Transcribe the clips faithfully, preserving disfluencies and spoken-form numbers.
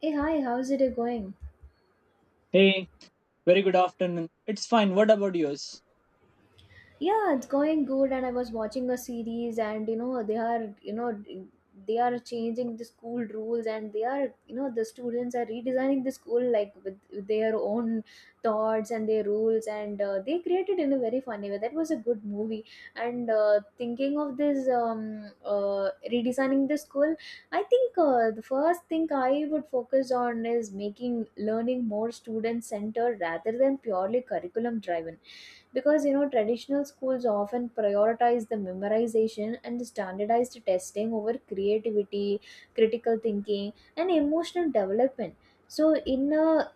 Hey, hi, how's it going? Hey, very good afternoon. It's fine. What about yours? yeah it's going good, and I was watching a series, and you know they are you know they are changing the school rules, and they are, you know the students are redesigning the school, like with, with their own thoughts and their rules, and uh, they created in a very funny way. That was a good movie. And uh, thinking of this um, uh, redesigning the school, I think uh, the first thing I would focus on is making learning more student centered rather than purely curriculum driven, because you know traditional schools often prioritize the memorization and the standardized testing over creativity, critical thinking, and emotional development. So in a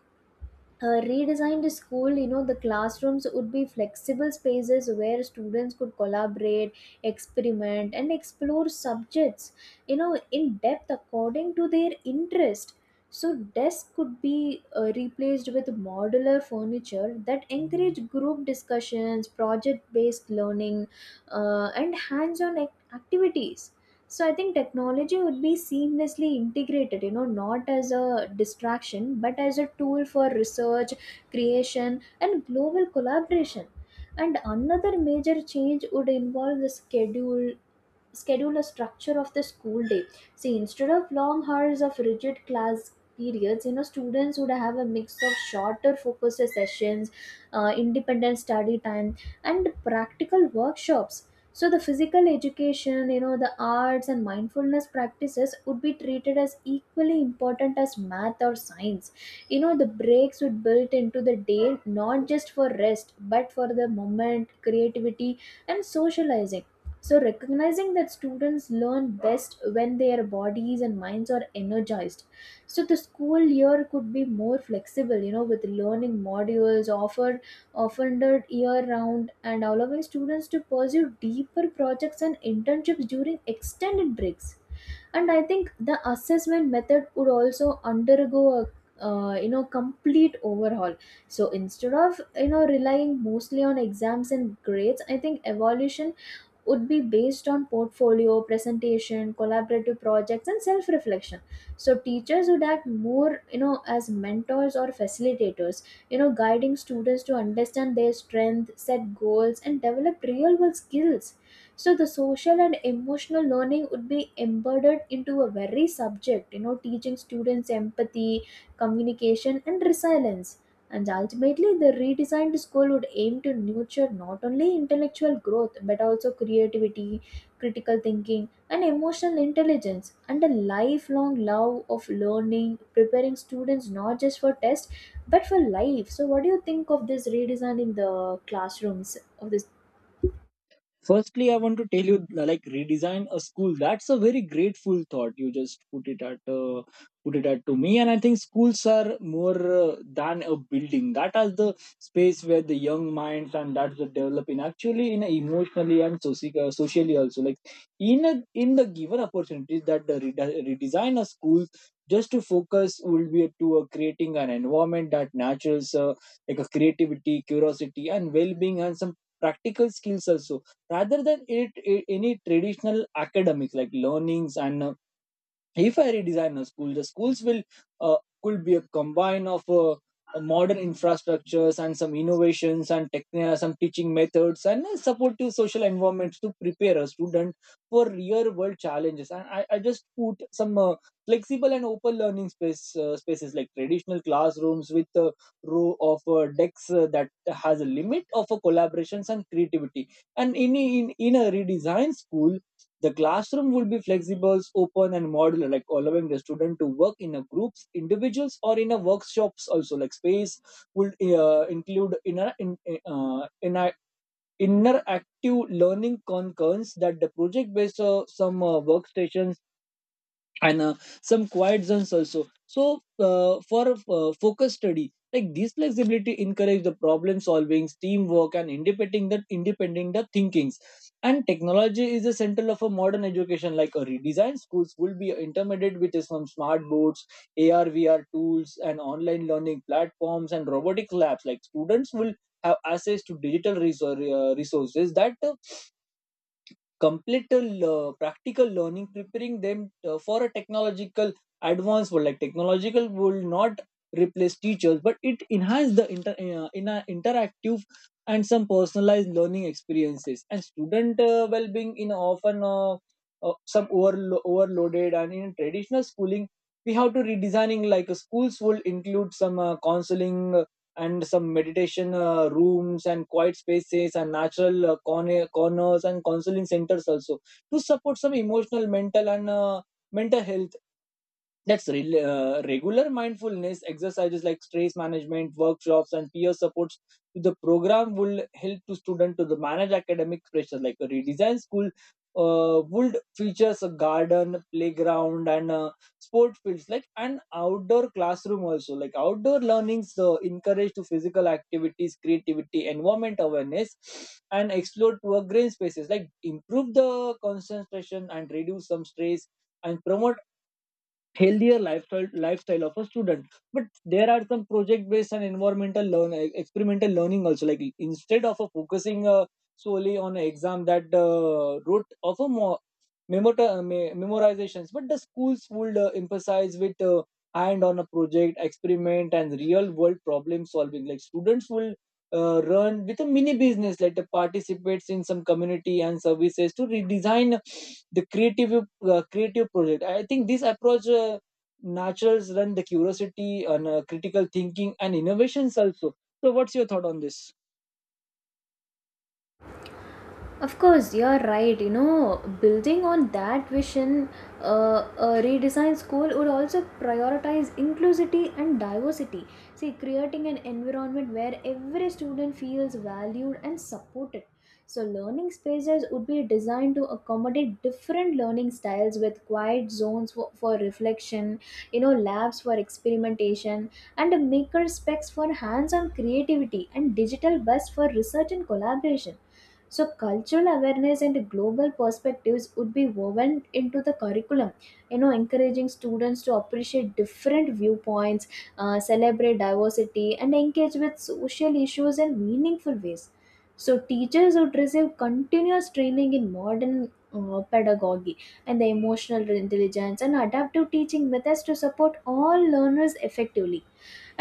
uh, redesigned school, you know, the classrooms would be flexible spaces where students could collaborate, experiment, and explore subjects, you know, in depth according to their interest. So desks could be uh, replaced with modular furniture that encourage group discussions, project based learning, uh, and hands on activities. So I think technology would be seamlessly integrated, you know, not as a distraction but as a tool for research, creation, and global collaboration. And another major change would involve the schedule schedule a structure of the school day. See, instead of long hours of rigid class periods, you know, students would have a mix of shorter focused sessions, uh, independent study time, and practical workshops. So the physical education, you know, the arts and mindfulness practices would be treated as equally important as math or science. You know, the breaks would built into the day, not just for rest but for the moment creativity and socializing. So, recognizing that students learn best when their bodies and minds are energized. So, the school year could be more flexible, you know, with learning modules offer offered year round and allowing students to pursue deeper projects and internships during extended breaks. And I think the assessment method would also undergo a uh, you know complete overhaul. So instead of, you know, relying mostly on exams and grades, I think evolution would be based on portfolio, presentation, collaborative projects, and self-reflection. So teachers would act more, you know, as mentors or facilitators, you know, guiding students to understand their strength, set goals, and develop real-world skills. So the social and emotional learning would be embedded into a very subject, you know, teaching students empathy, communication, and resilience. And ultimately, the redesigned school would aim to nurture not only intellectual growth but also creativity, critical thinking, and emotional intelligence, and a lifelong love of learning, preparing students not just for tests but for life. So, what do you think of this redesign in the classrooms of this? firstly i want to tell you, like, redesign a school, that's a very grateful thought you just put it at uh, put it at to me. And I think schools are more uh, than a building, that is the space where the young minds and that's the developing, actually, in a emotionally and soci- uh, socially also, like in a, in the given opportunities that the rede- redesign a school, just to focus will be to uh, creating an environment that nurtures uh, like a creativity, curiosity, and well-being, and some practical skills also, rather than it, it any traditional academics, like learnings. And uh, if I redesign a school, the schools will, uh, could be a combine of uh, uh, modern infrastructures and some innovations and techn- some teaching methods and uh, supportive social environments to prepare a student for real world challenges. And I, I just put some uh, flexible and open learning space uh, spaces, like traditional classrooms with a row of uh, decks, uh, that has a limit of uh, collaborations and creativity. And in in in a redesign school, the classroom will be flexible, open, and modular, like allowing the student to work in a groups, individuals, or in a workshops. Also, like space would uh, include inner in uh, inner interactive learning concurrents, that the project based uh, some uh, workstations and uh, some quiet zones also, so uh, for uh, focus study, like this flexibility encourage the problem solving, teamwork, and independent that independent the thinkings. And technology is the central of a modern education, like a redesigned schools will be intermediate with some smart boards, ar vr tools, and online learning platforms, and robotic labs. Like students will have access to digital resor- uh, resources that uh, complete uh, practical learning, preparing them uh, for a technological advanced world. Like technological will not replace teachers, but it enhances the inter, uh, in a interactive and some personalized learning experiences. And student uh, well-being in often uh, uh, some overlo- overloaded, and in traditional schooling we have to redesigning, like uh, schools will include some uh, counseling and some meditation uh, rooms, and quiet spaces, and natural uh, corner, corners, and counseling centers also, to support some emotional mental and uh, mental health. That's re- uh, regular mindfulness exercises, like stress management workshops and peer supports, to the program will help to student to the manage academic pressure. Like a redesigned school uh, would features a garden, playground, and uh, sport fields, like an outdoor classroom also. Like outdoor learnings uh, encourage to physical activities, creativity, environment awareness, and explore to a green spaces, like improve the concentration and reduce some stress and promote healthier lifestyle lifestyle of a student. But there are some project based and environmental learn experimental learning also, like instead of a focusing uh, solely on a exam, that uh, route of a more memota- uh, me- memorizations, but the schools would uh, emphasize with uh, hand on a project, experiment, and real world problem solving. Like students will uh, run with a mini business, like the participates in some community and services to redesign the creative uh, creative project. I think this approach Uh, naturals run the curiosity and uh, critical thinking and innovations also. So what's your thought on this? Of course, you're right. You know, building on that vision, uh, a redesign school would also prioritize inclusivity and diversity. See, creating an environment where every student feels valued and supported. So, learning spaces would be designed to accommodate different learning styles with quiet zones for, for reflection, you know, labs for experimentation, and a maker specs for hands on creativity, and digital bus for research and collaboration. So, cultural awareness and global perspectives would be woven into the curriculum, you know, encouraging students to appreciate different viewpoints, uh, celebrate diversity, and engage with social issues in meaningful ways. So, teachers would receive continuous training in modern uh, pedagogy and the emotional intelligence and adaptive teaching methods to support all learners effectively.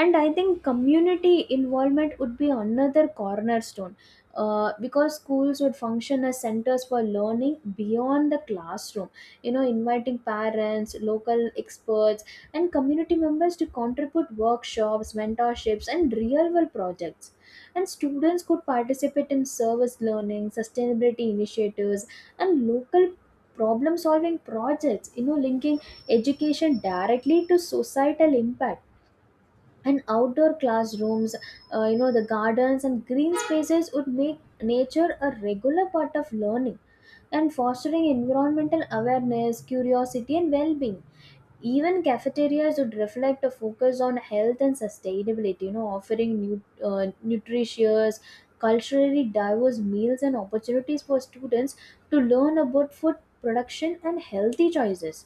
And I think community involvement would be another cornerstone, uh, because schools would function as centers for learning beyond the classroom, you know, inviting parents, local experts, and community members to contribute workshops, mentorships, and real world projects. And students could participate in service learning, sustainability initiatives, and local problem solving projects, you know, linking education directly to societal impact. And outdoor classrooms, uh, you know, the gardens and green spaces would make nature a regular part of learning and fostering environmental awareness, curiosity, and well-being. Even cafeterias would reflect a focus on health and sustainability, you know, offering new, uh, nutritious, culturally diverse meals and opportunities for students to learn about food production and healthy choices.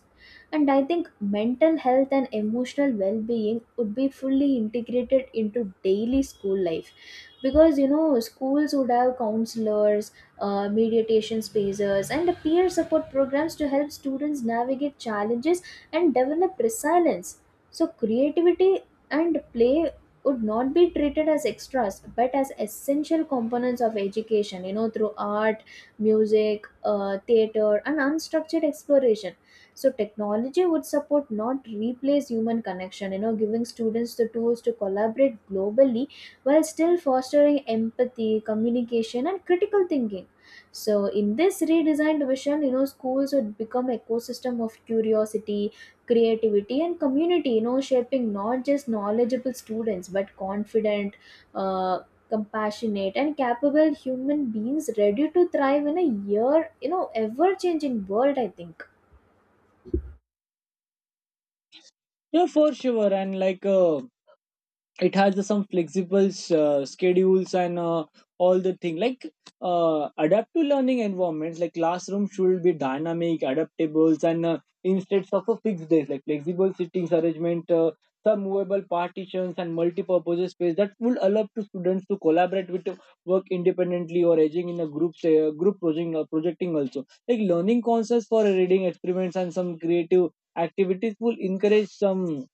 And I think mental health and emotional well being would be fully integrated into daily school life, because you know schools would have counselors, uh, meditation spaces, and peer support programs to help students navigate challenges and develop resilience. So, creativity and play would not be treated as extras but as essential components of education, you know, through art, music, uh, theater, and unstructured exploration. So, technology would support, not replace, human connection, you know, giving students the tools to collaborate globally while still fostering empathy, communication, and critical thinking. So, in this redesigned vision, you know, schools would become ecosystem of curiosity, creativity, and community, you know, shaping not just knowledgeable students but confident, uh, compassionate, and capable human beings ready to thrive in a year, you know, ever changing world, I think. Yeah, for sure. And like uh, it has uh, some flexible uh, schedules and uh, all the thing, like uh, adapt learning environments. Like classroom should be dynamic, adaptable, and uh, instead of a fixed days, like flexible seating arrangement, uh, some movable partitions and multi-purpose space that will allow to students to collaborate with uh, work independently or edging in a group, say uh, group project uh, projecting also, like learning concepts for reading experiments and some creative activities will encourage some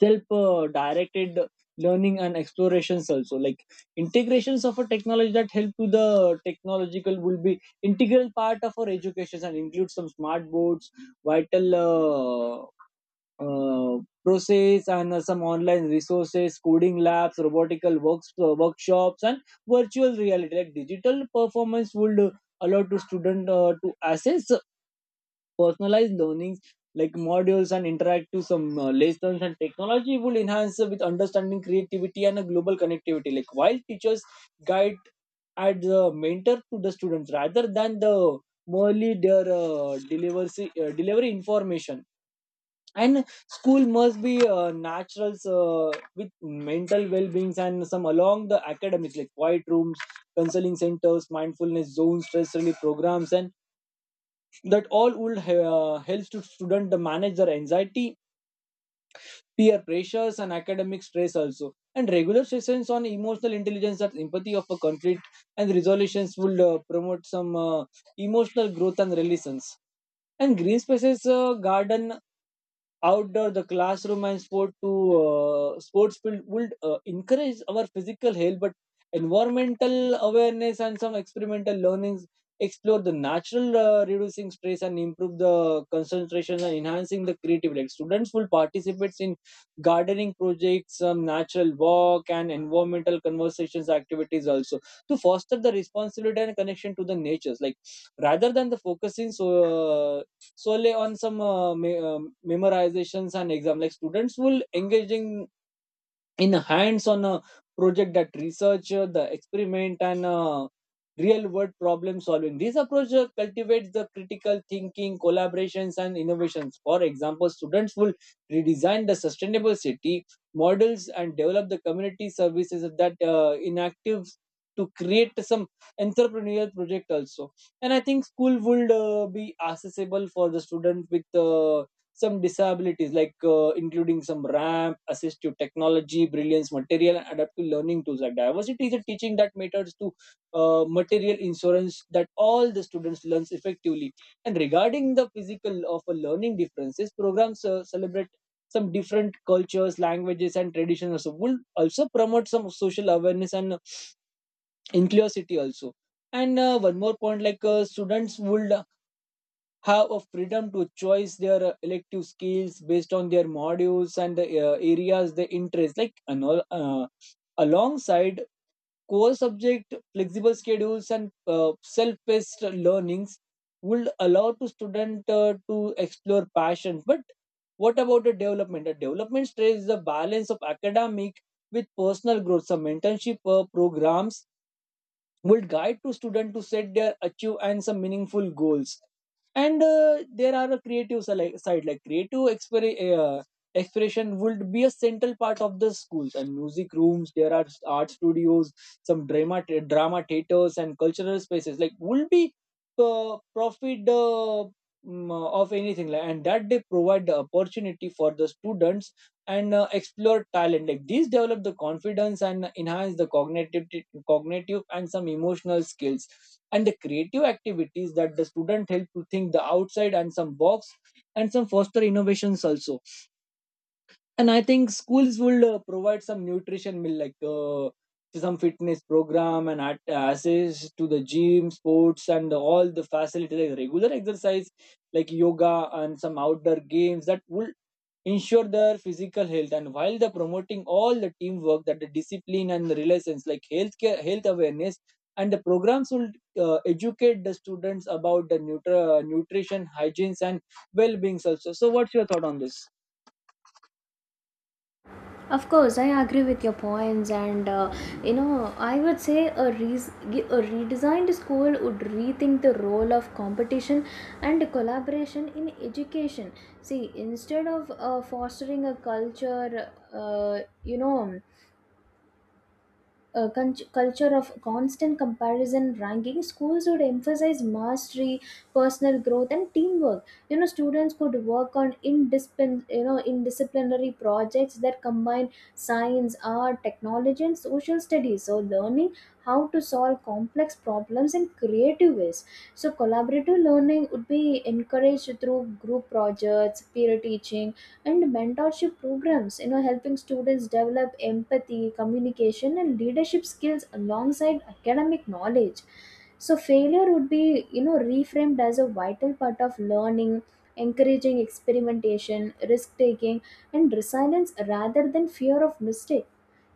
self uh, directed learning and explorations also, like integrations of a technology that help to the technological will be integral part of our education, and include some smart boards, vital uh, uh, process, and uh, some online resources, coding labs, robotical works uh, workshops, and virtual reality. Like digital performance would allow to student uh, to assess personalized learnings, like modules and interactive some uh, lessons, and technology will enhance with understanding, creativity, and a global connectivity, like while teachers guide and the mentor to the students rather than the merely their uh, delivery uh, delivery information. And school must be uh, naturals uh, with mental well-beings and some along the academics, like quiet rooms, counseling centers, mindfulness zones, stress relief programs, and that all would uh, helps to student to manage their anxiety, peer pressures, and academic stress also. And regular sessions on emotional intelligence, that empathy of a conflict and resolutions will uh, promote some uh, emotional growth and relations. And green spaces, uh, garden, outdoor the classroom, and sport to uh, sports field would uh, encourage our physical health, but environmental awareness and some experimental learnings, explore the natural, uh, reducing stress and improve the concentration and enhancing the creativity. Like students will participate in gardening projects, some natural walk and environmental conversations activities also, to foster the responsibility and connection to the natures, like rather than the focusing so uh, solely on some uh, me- um memorizations and exam. Like students will engaging in hands on a project, that research uh, the experiment and uh, real world problem solving. This approach uh, cultivates the critical thinking, collaborations, and innovations. For example, students will redesign the sustainable city models and develop the community services that uh, inactive to create some entrepreneurial project also. And I think school would uh, be accessible for the student with uh, some disabilities, like uh, including some ramp, assistive technology, brilliance material, and adaptive learning tools, like diversity is a teaching that matters to uh, material insurance that all the students learns effectively. And regarding the physical of a learning differences programs, uh, celebrate some different cultures, languages, and traditions also, will also promote some social awareness and inclusivity also. And uh, one more point, like uh, students would have a freedom to choose their uh, elective skills based on their modules and the uh, areas they interest, like ano- uh, alongside core subject, flexible schedules and uh, self-paced learnings would allow to student uh, to explore passion. But what about the development the development stress is the balance of academic with personal growth, some mentorship uh, programs will guide to students to set their achieve and some meaningful goals. And uh, there are a creative sali- side, like creative exper- uh, expression would be a central part of the schools, and music rooms, there are art studios, some drama drama theaters, and cultural spaces, like will be uh, profit uh, mm, of anything, like, and that they provide the opportunity for the students and uh, explore talent, like these develop the confidence and enhance the cognitive cognitive and some emotional skills. And the creative activities that the student help to think the outside and some box, and some foster innovations also. And I think schools will uh, provide some nutrition meal, like uh, some fitness program and at- access to the gym, sports, and all the facilities, like regular exercise like yoga and some outdoor games, that would ensure their physical health and while they're promoting all the teamwork, that the discipline and the relations, like healthcare, health awareness, and the programs will uh, educate the students about the nutri- uh, nutrition hygienes and well-being also. So what's your thought on this? Of course, I agree with your points. And uh, you know, I would say a, res- a redesigned school would rethink the role of competition and collaboration in education. See, instead of uh, fostering a culture, uh, you know, uh, con- culture of constant comparison ranking, schools would emphasize mastery, personal growth, and teamwork. You know, students could work on indiscipline, you know, indisciplinary projects that combine science, art, technology, and social studies, so learning how to solve complex problems in creative ways. So collaborative learning would be encouraged through group projects, peer teaching, and mentorship programs, you know, helping students develop empathy, communication, and leadership skills alongside academic knowledge. So failure would be, you know, reframed as a vital part of learning, encouraging experimentation, risk taking, and resilience rather than fear of mistake.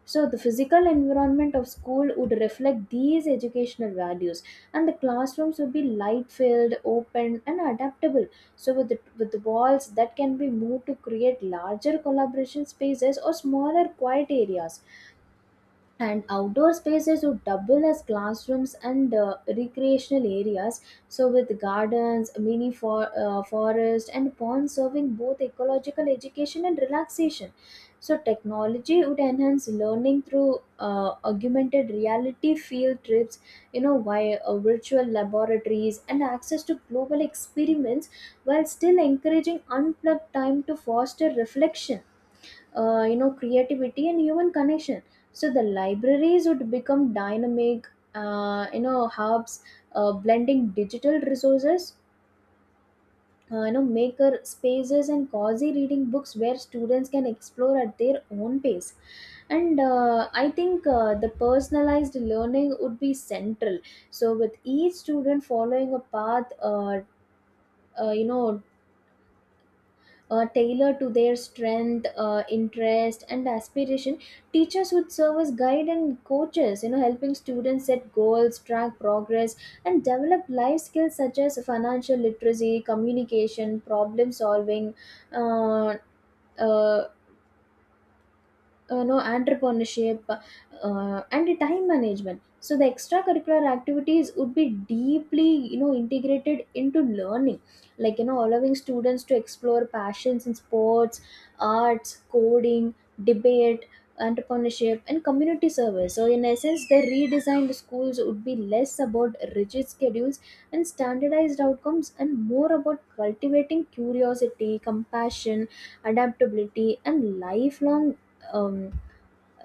So, the physical environment of school would reflect these educational values, and the classrooms would be light filled, open, and adaptable. So, with the, with the walls that can be moved to create larger collaboration spaces or smaller quiet areas. And outdoor spaces would double as classrooms and uh, recreational areas, so with gardens, mini for, uh, forest, and ponds serving both ecological education and relaxation. So technology would enhance learning through uh, augmented reality field trips, you know, via uh, virtual laboratories and access to global experiments, while still encouraging unplugged time to foster reflection, uh, you know, creativity, and human connection. So the libraries would become dynamic, uh, you know, hubs, uh, blending digital resources, uh, you know, maker spaces, and cozy reading books where students can explore at their own pace. And uh, I think uh, the personalized learning would be central, so with each student following a path, uh, uh, you know, uh, tailored to their strength, uh, interest, and aspiration. Teachers would serve as guide and coaches, you know, helping students set goals, track progress, and develop life skills such as financial literacy, communication, problem solving, uh, uh, uh, no entrepreneurship, uh, uh, and the time management. So the extracurricular activities would be deeply, you know, integrated into learning, like, you know, allowing students to explore passions in sports, arts, coding, debate, entrepreneurship, and community service. So in essence, the redesigned schools would be less about rigid schedules and standardized outcomes and more about cultivating curiosity, compassion, adaptability, and lifelong um,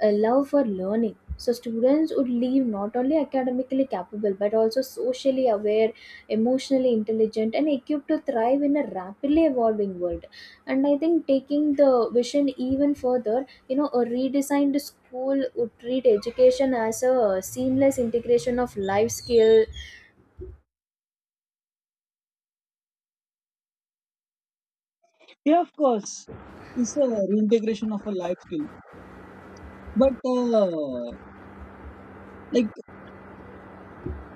a love for learning. So students would leave not only academically capable but also socially aware, emotionally intelligent, and equipped to thrive in a rapidly evolving world. And I think taking the vision even further, you know, a redesigned school would treat education as a seamless integration of life skill. Yeah, of course. It's a reintegration of a life skill. But uh, like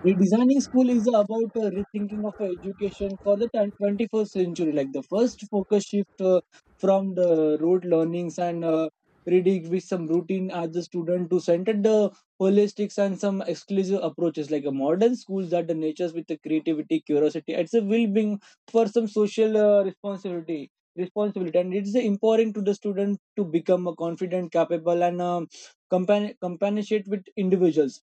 redesigning school is about uh, rethinking of uh, education for the ten twenty-first century. Like the first focus shift uh, from the rote learnings and uh, reading with some routine as a student to centered the holistics and some exclusive approaches, like a modern schools that the natures with the creativity, curiosity, it's a will being for some social uh, responsibility. Responsibility, and it's empowering to the student to become a confident, capable, and um, compan- companionate with individuals,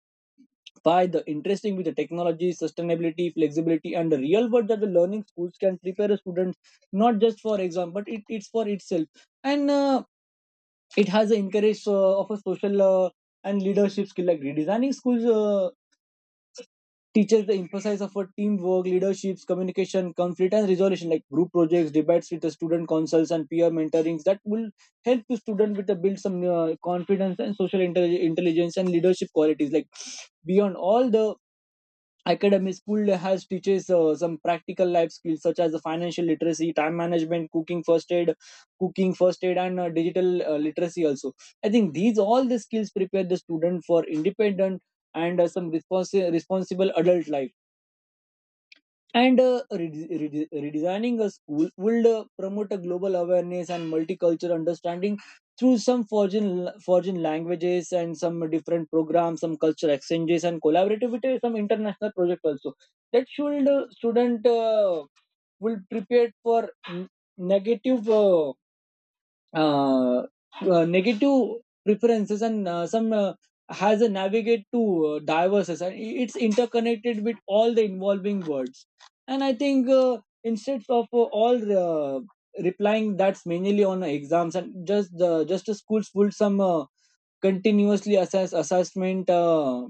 by the interesting with the technology, sustainability, flexibility, and the real world that the learning schools can prepare a student not just for exam, but it, it's for itself. And uh, it has an encourage uh, of a social uh, and leadership skill, like redesigning schools Uh, teaches the emphasis of a teamwork, leaderships, communication, conflict, and resolution, like group projects, debates with the student councils, and peer mentorings that will help the student with the build some uh, confidence and social intelli- intelligence and leadership qualities. Like beyond all the academy school has teaches uh, some practical life skills such as the financial literacy, time management, cooking, first aid, cooking first aid and uh, digital uh, literacy also. I think these all the skills prepare the student for independent and uh, some responsi- responsible adult life. And uh, rede- rede- redesigning a school would uh, promote a global awareness and multicultural understanding through some foreign foreign languages and some different programs, some culture exchanges and collaborativity, some international project also. That should uh, student uh, will prepare for n- negative. Uh, uh, uh, negative preferences and uh, some uh, has a navigate to uh, diverses, and it's interconnected with all the involving words. And I think, uh, instead of uh, all, uh, replying that's mainly on exams and just the just the schools put some uh, continuously assess assessment uh,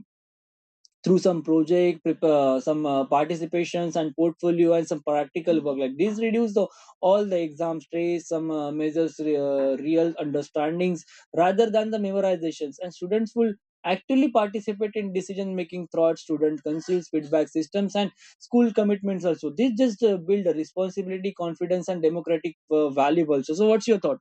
through some project, uh, some uh, participations and portfolio and some practical work like this, reduce the all the exam stress, some uh, measures uh, real understandings rather than the memorizations, and students will actually participate in decision making throughout student councils, feedback systems, and school commitments also. This just uh, build a responsibility, confidence, and democratic uh, value also. So what's your thought?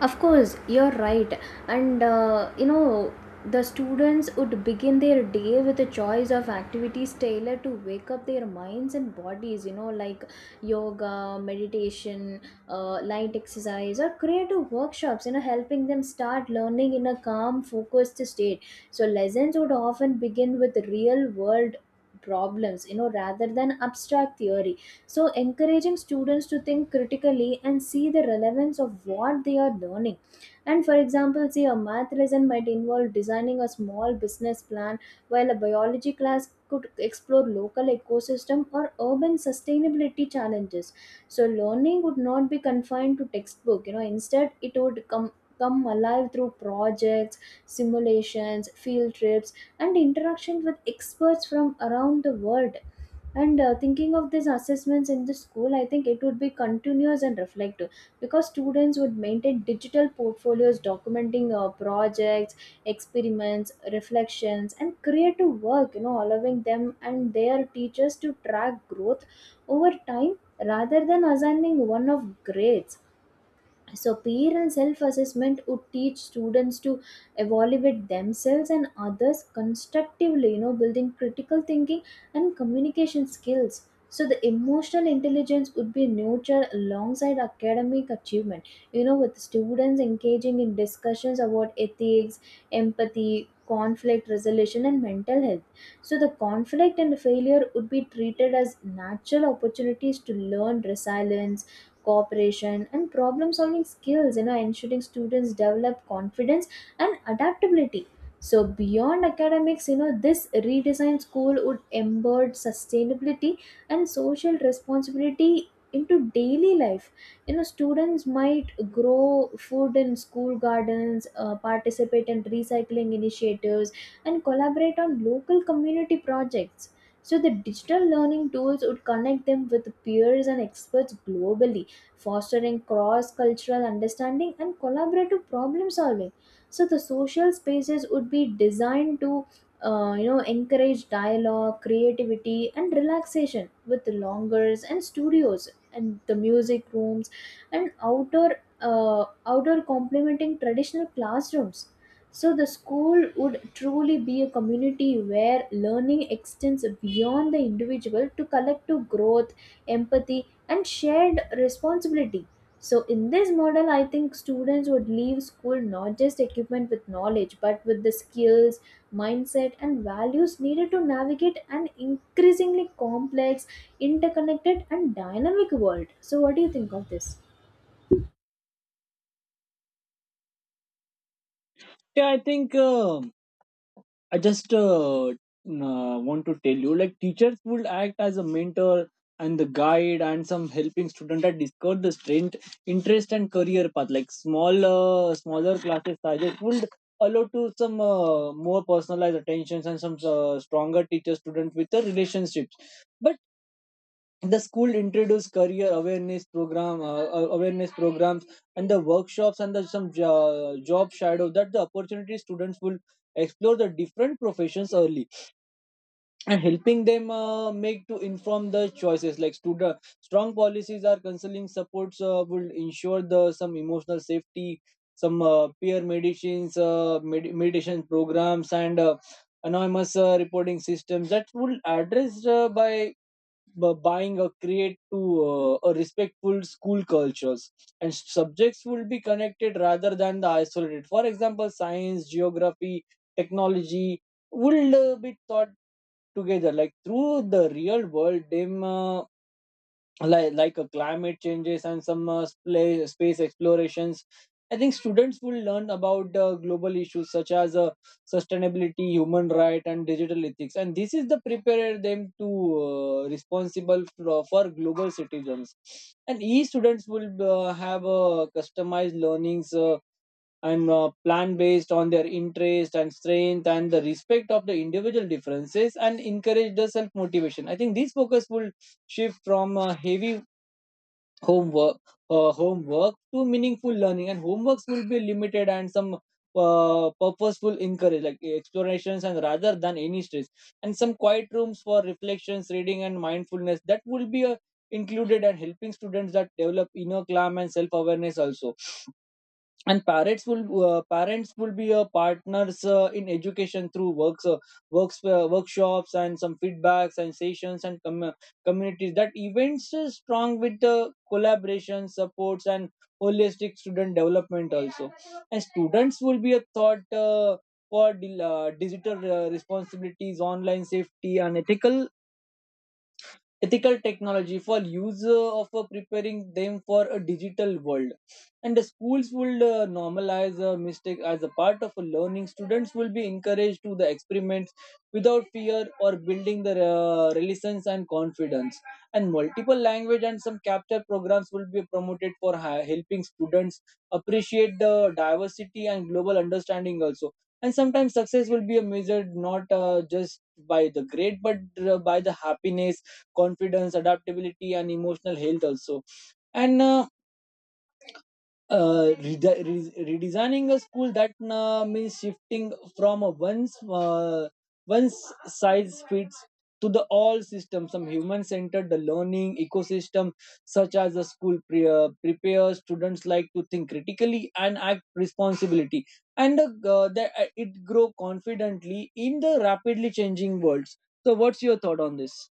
Of course, you're right. And uh, you know, the students would begin their day with a choice of activities tailored to wake up their minds and bodies, you know, like yoga, meditation, uh, light exercise, or creative workshops, you know, helping them start learning in a calm, focused state. So, lessons would often begin with real world problems, you know, rather than abstract theory. So, encouraging students to think critically and see the relevance of what they are learning. And for example, say a math lesson might involve designing a small business plan, while a biology class could explore local ecosystem or urban sustainability challenges. So, learning would not be confined to textbook. You know, instead, it would come come alive through projects, simulations, field trips, and interactions with experts from around the world. And uh, thinking of these assessments in the school, I think it would be continuous and reflective, because students would maintain digital portfolios documenting uh, projects, experiments, reflections, and creative work, you know, allowing them and their teachers to track growth over time rather than assigning one of grades. So, peer and self assessment would teach students to evaluate themselves and others constructively, you know, building critical thinking and communication skills. So, the emotional intelligence would be nurtured alongside academic achievement, you know, with students engaging in discussions about ethics, empathy, conflict resolution, and mental health. So, the conflict and failure would be treated as natural opportunities to learn resilience, cooperation, and problem solving skills, you know, ensuring students develop confidence and adaptability. So beyond academics, you know, this redesigned school would embed sustainability and social responsibility into daily life. You know, students might grow food in school gardens, uh, participate in recycling initiatives, and collaborate on local community projects. So the digital learning tools would connect them with peers and experts globally, fostering cross cultural understanding and collaborative problem solving. So the social spaces would be designed to uh, you know encourage dialogue, creativity, and relaxation, with longers and studios and the music rooms and outer, uh, outdoor complementing traditional classrooms. So the school would truly be a community where learning extends beyond the individual to collective growth, empathy, and shared responsibility. So in this model, I think students would leave school not just equipment with knowledge, but with the skills, mindset, and values needed to navigate an increasingly complex, interconnected, and dynamic world. So what do you think of this? Yeah, I think um I just uh, n- uh, want to tell you, like teachers would act as a mentor and the guide and some helping student at discover the strength, interest, and career path. Like small, uh, smaller classes sizes would allow to some uh, more personalized attentions and some uh, stronger teacher student with the relationships. But the school introduced career awareness program, uh, uh, awareness programs and the workshops and the some jo- job shadow that the opportunity students will explore the different professions early and helping them uh, make to inform the choices, like student strong policies are counseling supports uh, will ensure the some emotional safety, some uh, peer medicines, uh, med- meditation programs, and uh, anonymous uh, reporting systems that will address uh, by bu- buying a create to uh, a respectful school cultures. And subjects will be connected rather than the isolated, for example science, geography, technology will uh, be taught together like through the real world them, uh, like like a climate changes and some uh, spa- space explorations. I think students will learn about uh, global issues such as, uh, sustainability, human right, and digital ethics, and this is the prepare them to uh, responsible for, for global citizens. And e students will uh, have uh, customized learnings uh, and uh, plan based on their interest and strength and the respect of the individual differences and encourage the self motivation. I think this focus will shift from a heavy homework, uh, homework to meaningful learning, and homeworks will be limited and some uh, purposeful encourage like explorations and rather than any stress. And some quiet rooms for reflections, reading, and mindfulness that will be uh, included and helping students that develop inner calm and self-awareness also. And parents will uh, parents will be uh, partners uh, in education through works uh, works uh, workshops and some feedbacks and sessions and com- communities, that events is strong with uh, collaboration supports and holistic student development also. And students will be a thought uh, for di- uh, digital uh, responsibilities, online safety, and ethical ethical technology for user of uh, preparing them for a digital world. And the schools will uh, normalize a mistake as a part of a learning. Students will be encouraged to the experiments without fear or building their uh, resilience and confidence. And multiple language and some capture programs will be promoted for ha- helping students appreciate the diversity and global understanding also. And sometimes success will be measured not uh, just by the grade, but uh, by the happiness, confidence, adaptability, and emotional health also. And uh, uh, rede- re- redesigning a school that uh, means shifting from a once, uh, one size fits to the all system, some human centered the learning ecosystem, such as the school pre- uh, prepares students like to think critically and act responsibility. And uh, the, uh, it grow confidently in the rapidly changing worlds. So what's your thought on this?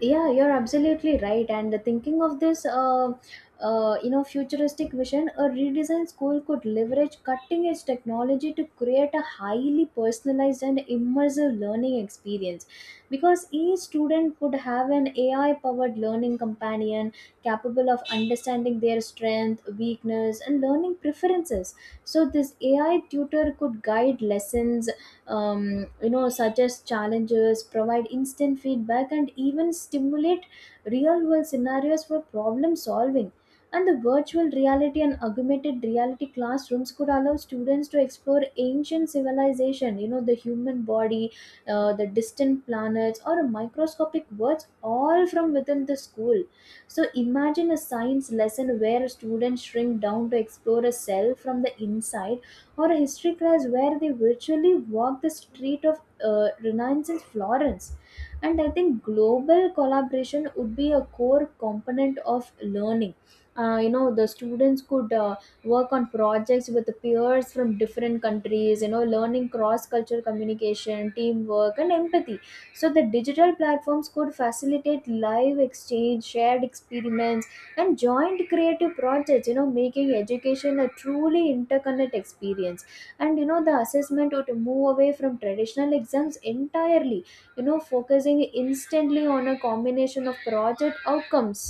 Yeah, you're absolutely right. And the thinking of this, uh, uh, you know, futuristic vision, a redesigned school could leverage cutting edge technology to create a highly personalized and immersive learning experience, because each student would have an A I powered learning companion capable of understanding their strength, weakness, and learning preferences. So this A I tutor could guide lessons, um, you know, suggest challenges, provide instant feedback, and even stimulate real world scenarios for problem solving. And the virtual reality and augmented reality classrooms could allow students to explore ancient civilization, you know, the human body, uh, the distant planets or microscopic worlds, all from within the school. So imagine a science lesson where students shrink down to explore a cell from the inside, or a history class where they virtually walk the street of uh, Renaissance in Florence. And I think global collaboration would be a core component of learning. Uh, you know, the students could uh, work on projects with the peers from different countries, you know, learning cross cultural communication, teamwork, and empathy. So, the digital platforms could facilitate live exchange, shared experiments, and joined creative projects, you know, making education a truly interconnect experience. And you know, the assessment would move away from traditional exams entirely, you know, focusing instantly on a combination of project outcomes.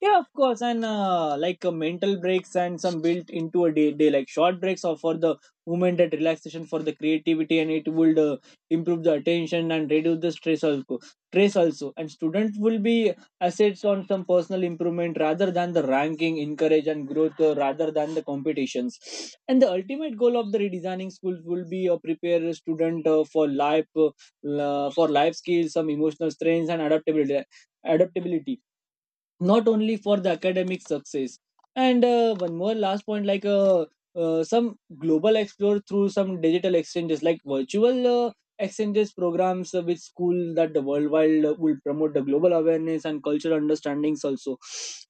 Yeah, of course, and uh, like uh, mental breaks and some built into a day, day, like short breaks or for the movement and relaxation for the creativity, and it would uh, improve the attention and reduce the stress also. Stress also, and students will be assets on some personal improvement rather than the ranking, encourage and growth uh, rather than the competitions. And the ultimate goal of the redesigning schools will be uh, prepare a student uh, for life, uh, la- for life skills, some emotional strengths and adaptability. Adaptability not only for the academic success. And uh, one more last point, like uh, uh, some global explore through some digital exchanges like virtual uh, exchanges programs uh, with school that the worldwide uh, will promote the global awareness and cultural understandings also.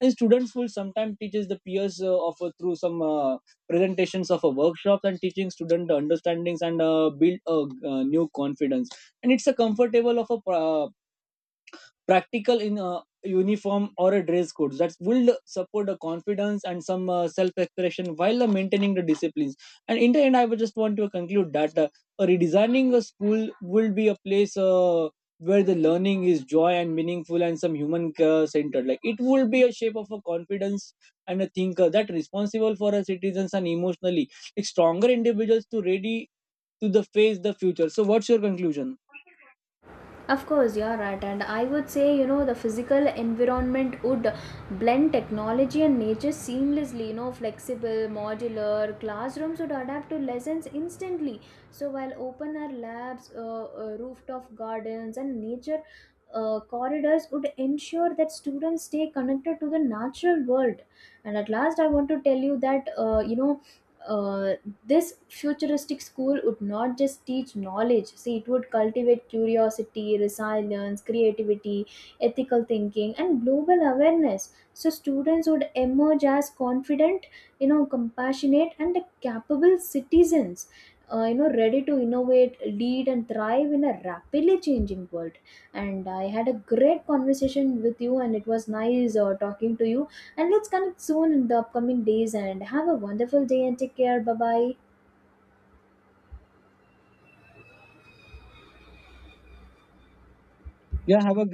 And students will sometimes teaches the peers uh, of uh, through some uh, presentations of a workshop and teaching student understandings and uh, build a, uh new confidence. And it's a comfortable of a pro- practical in a uniform or a dress code that will support the confidence and some uh, self-expression while uh, maintaining the disciplines. And in the end I would just want to conclude that, uh, redesigning a school will be a place uh, where the learning is joy and meaningful and some human uh, centered. Like it will be a shape of a confidence and a thinker that responsible for our citizens and emotionally, like stronger individuals to ready to the face the future. So what's your conclusion? Of course, you're right, and I would say, you know, the physical environment would blend technology and nature seamlessly. You know, flexible, modular classrooms would adapt to lessons instantly. So while open air labs, uh, uh, rooftop gardens, and nature uh, corridors would ensure that students stay connected to the natural world. And at last, I want to tell you that uh, you know uh, this futuristic school would not just teach knowledge, see it would cultivate curiosity, resilience, creativity, ethical thinking, and global awareness. So students would emerge as confident, you know, compassionate, and capable citizens, uh, you know, ready to innovate, lead, and thrive in a rapidly changing world. And I had a great conversation with you, and it was nice uh, talking to you. And let's connect soon in the upcoming days, and have a wonderful day and take care. Bye bye. Yeah, have a great